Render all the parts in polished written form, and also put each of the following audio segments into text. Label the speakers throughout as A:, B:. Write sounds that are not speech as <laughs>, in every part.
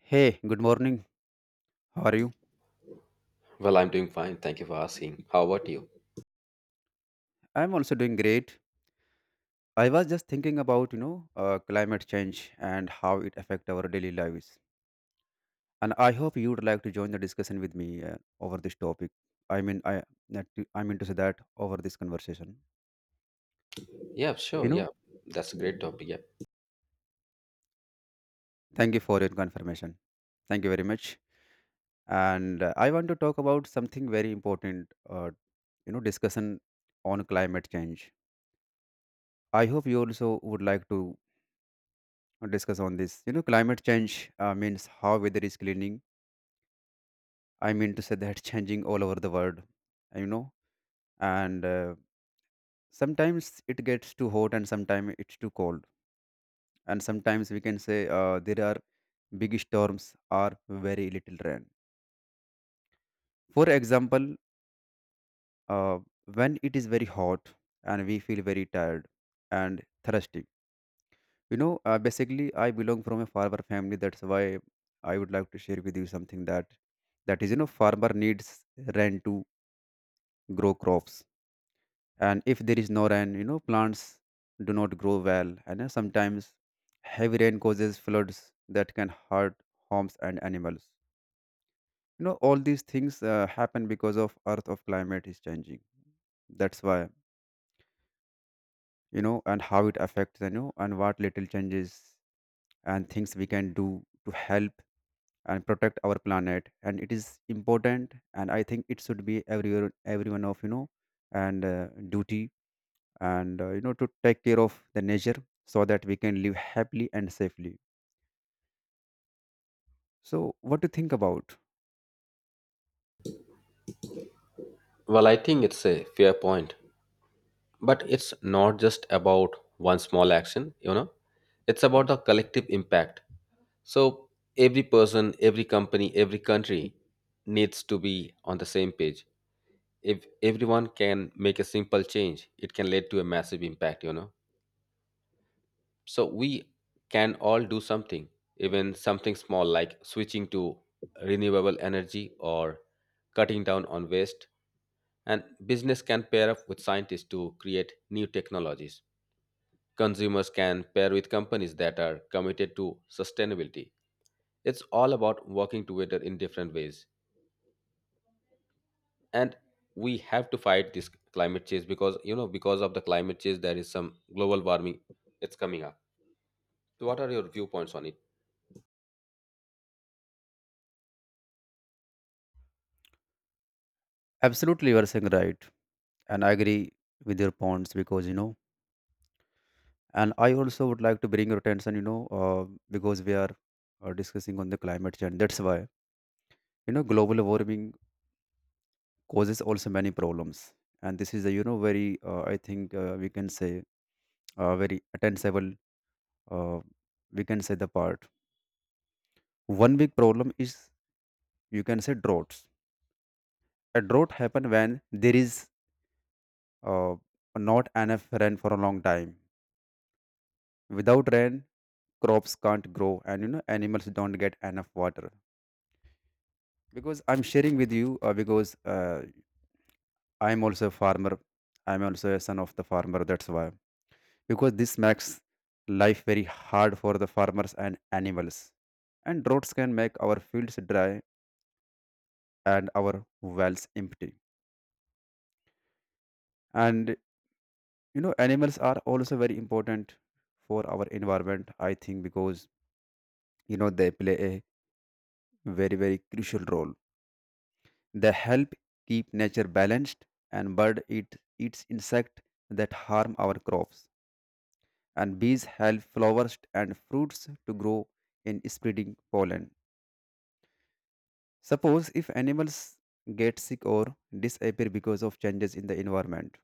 A: Hey, good morning. How are you?
B: Well, I'm doing fine. Thank you for asking. How about you?
A: I'm also doing great. I was just thinking about, climate change and how it affect our daily lives. And I hope you would like to join the discussion with me over this topic. I mean, I that I mean to say that over this conversation.
B: Yeah,
A: You
B: sure.
A: know,
B: Yeah, that's a great topic. Yeah.
A: Thank you for your confirmation. Thank you very much. And I want to talk about something very important. Discussion on climate change. I hope you also would like to discuss on this. You know, climate change means how weather is cleaning. I mean to say that <laughs> changing all over the world, you know, and sometimes it gets too hot and sometimes it's too cold. And sometimes we can say there are big storms or very little rain. For example, uh, when it is very hot and we feel very tired and thirsty. Basically, I belong from a farmer family. That's why I would like to share with you something that is, you know, farmer needs rain to grow crops, and if there is no rain, you know, plants do not grow well, and sometimes heavy rain causes floods that can hurt homes and animals. You know, all these things happen because of Earth of climate is changing. That's why, you know, and how it affects, you know, and what little changes and things we can do to help and protect our planet. And it is important, and I think it should be everyone of, you know, and duty and, you know, to take care of the nature so that we can live happily and safely. So what do you think about?
B: Well, I think it's a fair point, but it's not just about one small action, you know, it's about the collective impact. So every person, every company, every country needs to be on the same page. If everyone can make a simple change, it can lead to a massive impact, you know. So we can all do something, even something small like switching to renewable energy or cutting down on waste. And business can pair up with scientists to create new technologies. Consumers can pair with companies that are committed to sustainability. It's all about working together in different ways. And we have to fight this climate change, because you know, because of the climate change there is some global warming, it's coming up. So what are your viewpoints on it?
A: Absolutely, you are saying right, and I agree with your points because, you know, and I also would like to bring your attention, because we are discussing on the climate change. That's why, you know, global warming causes also many problems. And this is a, you know, very, I think, we can say, very attensible, uh, we can say the part. One big problem is, you can say, droughts. A drought happen when there is, uh, not enough rain for a long time. Without rain, crops can't grow, and you know, animals don't get enough water. Because I'm sharing with you, because I'm also a farmer, I'm also a son of the farmer. That's why, because this makes life very hard for the farmers and animals. And droughts can make our fields dry and our wells empty. And you know, animals are also very important for our environment, I think, because you know, they play a very, very crucial role. They help keep nature balanced, and bird eat eats insect that harm our crops. And bees help flowers and fruits to grow in spreading pollen. Suppose if animals get sick or disappear because of changes in the environment,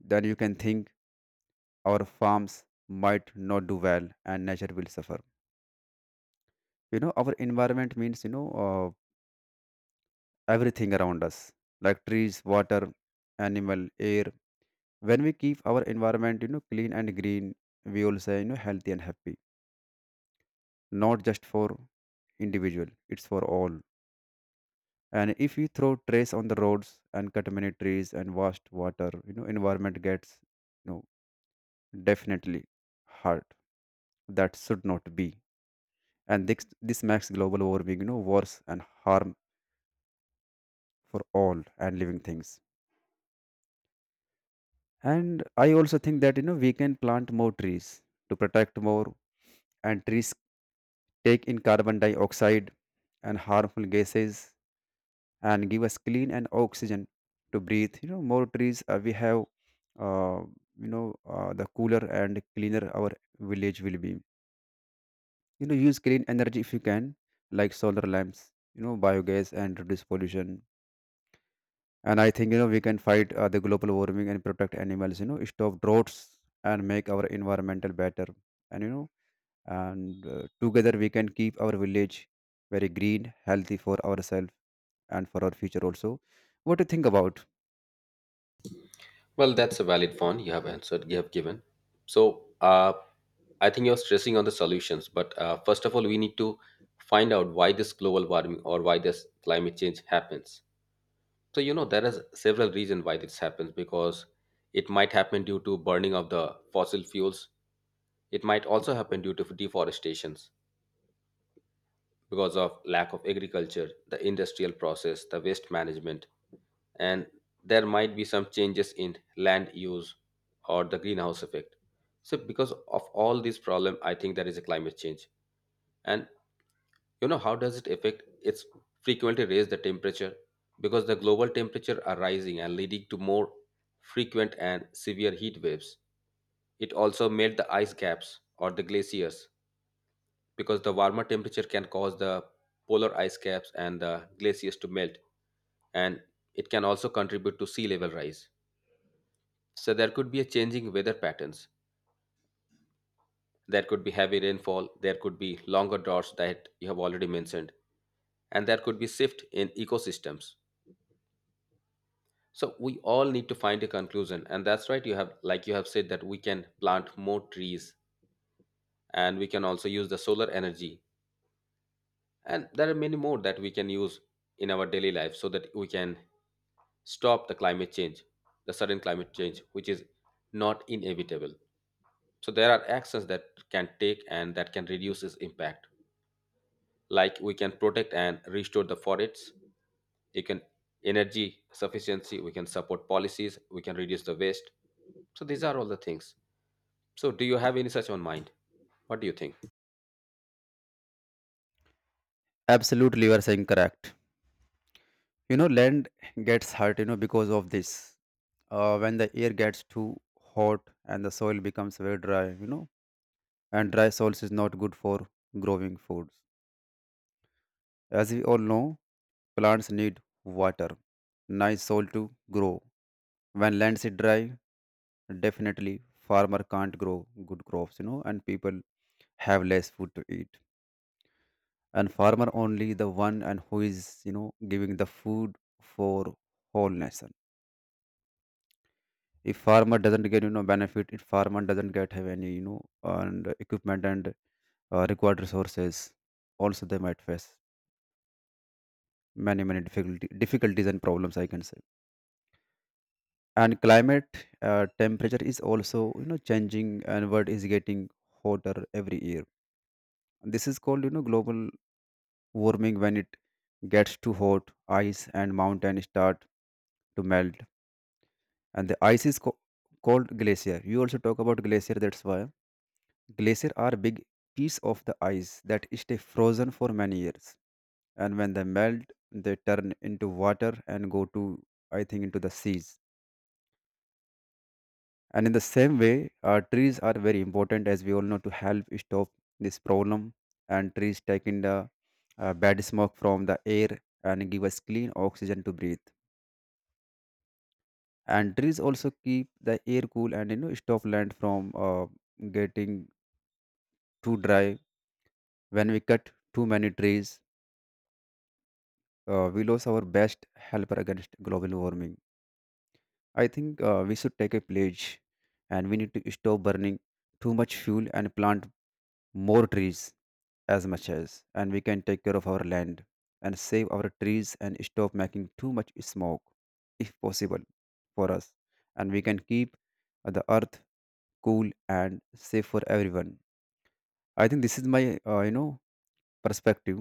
A: then you can think our farms might not do well and nature will suffer. You know, our environment means, everything around us, like trees, water, animal, air. When we keep our environment, you know, clean and green, we all say, you know, healthy and happy, not just for individual, it's for all. And if we throw trash on the roads and cut many trees and waste water, you know, environment gets, you know, definitely hurt. That should not be. And this makes global warming, you know, worse and harm for all and living things. And I also think that, you know, we can plant more trees to protect more. And trees take in carbon dioxide and harmful gases and give us clean and oxygen to breathe. You know, more trees we have, uh, the cooler and cleaner our village will be. You know, use clean energy if you can, like solar lamps, you know, biogas, and reduce pollution. And I think, you know, we can fight the global warming and protect animals, you know, stop droughts, and make our environmental better. And you know, and together we can keep our village very green, healthy for ourselves and for our future also. What do you think about?
B: Well, that's a valid one you have answered, you have given. So, I think you're stressing on the solutions, but first of all, we need to find out why this global warming or why this climate change happens. So, you know, there is several reasons why this happens, because it might happen due to burning of the fossil fuels. It might also happen due to deforestations because of lack of agriculture, the industrial process, the waste management, and there might be some changes in land use or the greenhouse effect. So because of all these problem, I think there is a climate change. And you know how does it affect? It's frequently raise the temperature because the global temperature are rising and leading to more frequent and severe heat waves. It also melt the ice caps or the glaciers because the warmer temperature can cause the polar ice caps and the glaciers to melt, and it can also contribute to sea level rise. So there could be a changing weather patterns, there could be heavy rainfall, there could be longer droughts that you have already mentioned, and there could be shift in ecosystems. So we all need to find a conclusion, and that's right, you have, like you have said, that we can plant more trees and we can also use the solar energy, and there are many more that we can use in our daily life so that we can stop the climate change, the sudden climate change, which is not inevitable. So there are actions that can take and that can reduce its impact. Like we can protect and restore the forests, you can energy sufficiency, we can support policies, we can reduce the waste. So these are all the things. So do you have any such on mind? What do you think?
A: Absolutely, you are saying correct. You know, land gets hurt, you know, because of this. When the air gets too hot and the soil becomes very dry, you know, and dry soils is not good for growing food. As we all know, plants need water, nice soil to grow. When lands is dry, definitely farmer can't grow good crops, you know, and people have less food to eat. And farmer only the one and who is, you know, giving the food for whole nation. If farmer doesn't get, you know, benefit, if farmer doesn't get have any, you know, and equipment and required resources, also they might face many difficulty, difficulties and problems, I can say. And climate, temperature is also, you know, changing, and world is getting hotter every year. This is called, you know, global warming. When it gets too hot, ice and mountain start to melt. And the ice is called glacier. You also talk about glacier. That's why glacier are big piece of the ice that stay frozen for many years. And when they melt, they turn into water and go to, I think, into the seas. And in the same way, trees are very important, as we all know, to help stop this problem. And trees take in the bad smoke from the air and give us clean oxygen to breathe. And trees also keep the air cool and, you know, stop land from getting too dry. When we cut too many trees, we lose our best helper against global warming. I think we should take a pledge, and we need to stop burning too much fuel and plant more trees as much as, and we can take care of our land and save our trees and stop making too much smoke, if possible, for us. And we can keep the earth cool and safe for everyone. I think this is my perspective.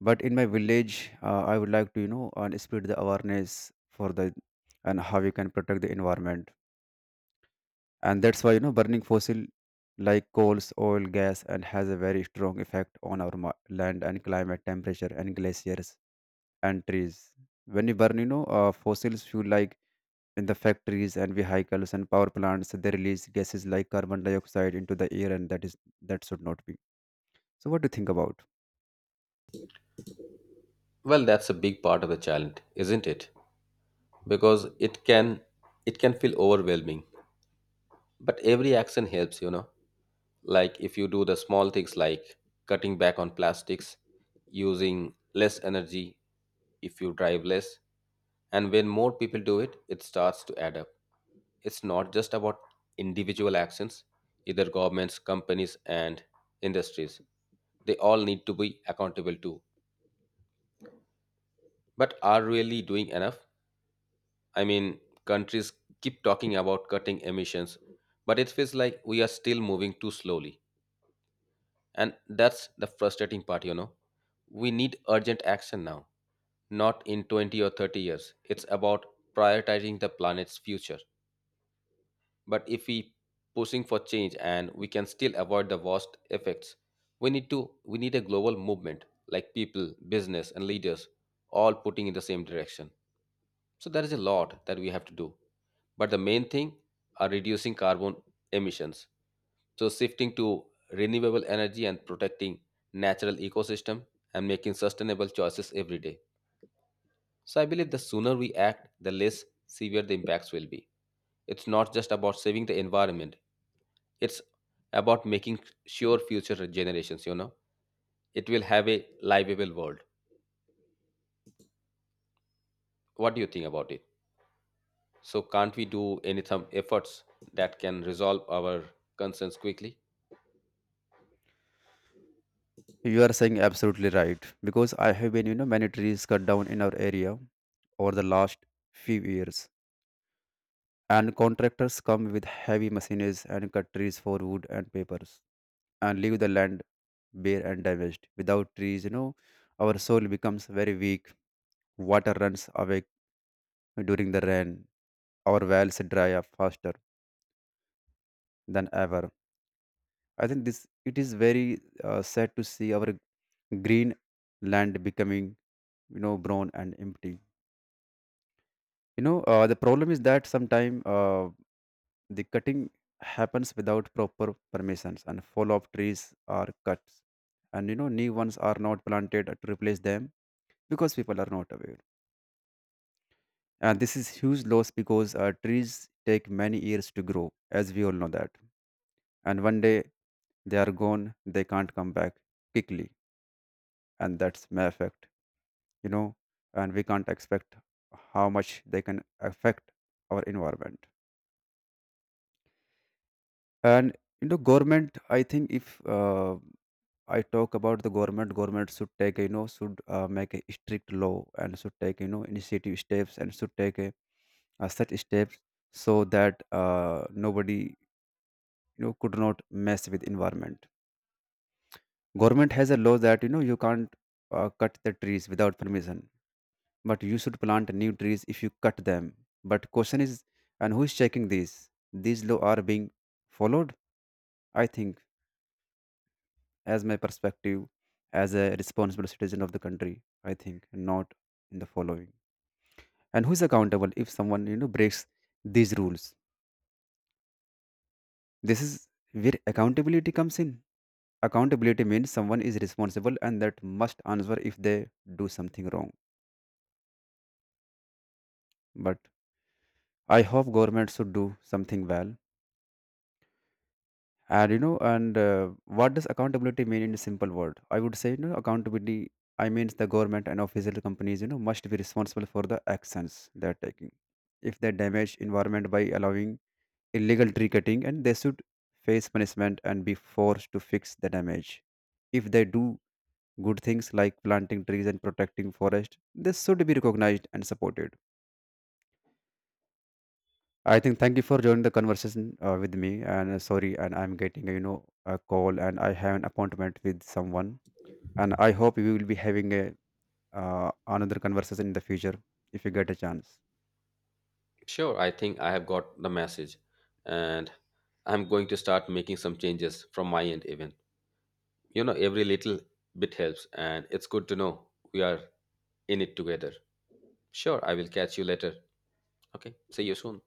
A: But in my village, I would like to, you know, and spread the awareness for the and how we can protect the environment. And that's why, you know, burning fossil like coals, oil, gas and has a very strong effect on our land and climate, temperature and glaciers and trees. When you burn, you know, fossils fuel like in the factories and vehicles and power plants, they release gases like carbon dioxide into the air, and that is, that should not be. So what do you think about?
B: Well, that's a big part of the challenge, isn't it? Because it can feel overwhelming. But every action helps, you know. Like if you do the small things like cutting back on plastics, using less energy, if you drive less, and when more people do it, it starts to add up. It's not just about individual actions, either. Governments, companies and industries, they all need to be accountable too. But are really doing enough, I mean, countries keep talking about cutting emissions, but it feels like we are still moving too slowly. And that's the frustrating part, you know. We need urgent action now, not in 20 or 30 years. It's about prioritizing the planet's future. But if we pushing for change, and we can still avoid the worst effects, we need a global movement, like people, business and leaders all putting in the same direction. So there is a lot that we have to do. But the main thing are reducing carbon emissions, so shifting to renewable energy and protecting natural ecosystem and making sustainable choices every day. So I believe the sooner we act, the less severe the impacts will be. It's not just about saving the environment. It's about making sure future generations, you know, it will have a livable world. What do you think about it? So can't we do any some efforts that can resolve our concerns quickly?
A: You are saying absolutely right, because I have been, you know, many trees cut down in our area over the last few years. And contractors come with heavy machines and cut trees for wood and papers and leave the land bare and damaged. Without trees, you know, our soil becomes very weak. Water runs away during the rain. Our wells dry up faster than ever. I think this it is very sad to see our green land becoming, you know, brown and empty. You know, the problem is that sometimes the cutting happens without proper permissions, and fall of trees are cut, and you know, new ones are not planted to replace them because people are not aware. And this is huge loss because trees take many years to grow, as we all know that. And one day they are gone, they can't come back quickly, and that's may affect, you know, and we can't expect how much they can affect our environment. And you know, government, I think, if I talk about the government should take, you know, should make a strict law and should take, you know, initiative steps and should take a, such steps, so that nobody, you know, could not mess with environment. Government has a law that, you know, you can't cut the trees without permission, but you should plant new trees if you cut them. But question is, and who is checking these law are being followed? I think, as my perspective, as a responsible citizen of the country, I think, not in the following. And who's accountable if someone, you know, breaks these rules? This is where accountability comes in. Accountability means someone is responsible and that must answer if they do something wrong. But I hope government should do something well. And you know, and what does accountability mean in a simple word? I would say, you know, accountability I means the government and official companies, you know, must be responsible for the actions they're taking. If they damage environment by allowing illegal tree cutting, and they should face punishment and be forced to fix the damage. If they do good things like planting trees and protecting forest, they should be recognized and supported. I think thank you for joining the conversation with me. And sorry, and I'm getting you know, a call, and I have an appointment with someone. And I hope we will be having a another conversation in the future if you get a chance.
B: Sure, I think I have got the message, and I'm going to start making some changes from my end even. You know, every little bit helps, and it's good to know we are in it together. Sure, I will catch you later. Okay, see you soon.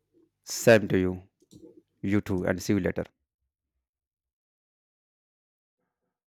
A: Same to you. You too, and see you later.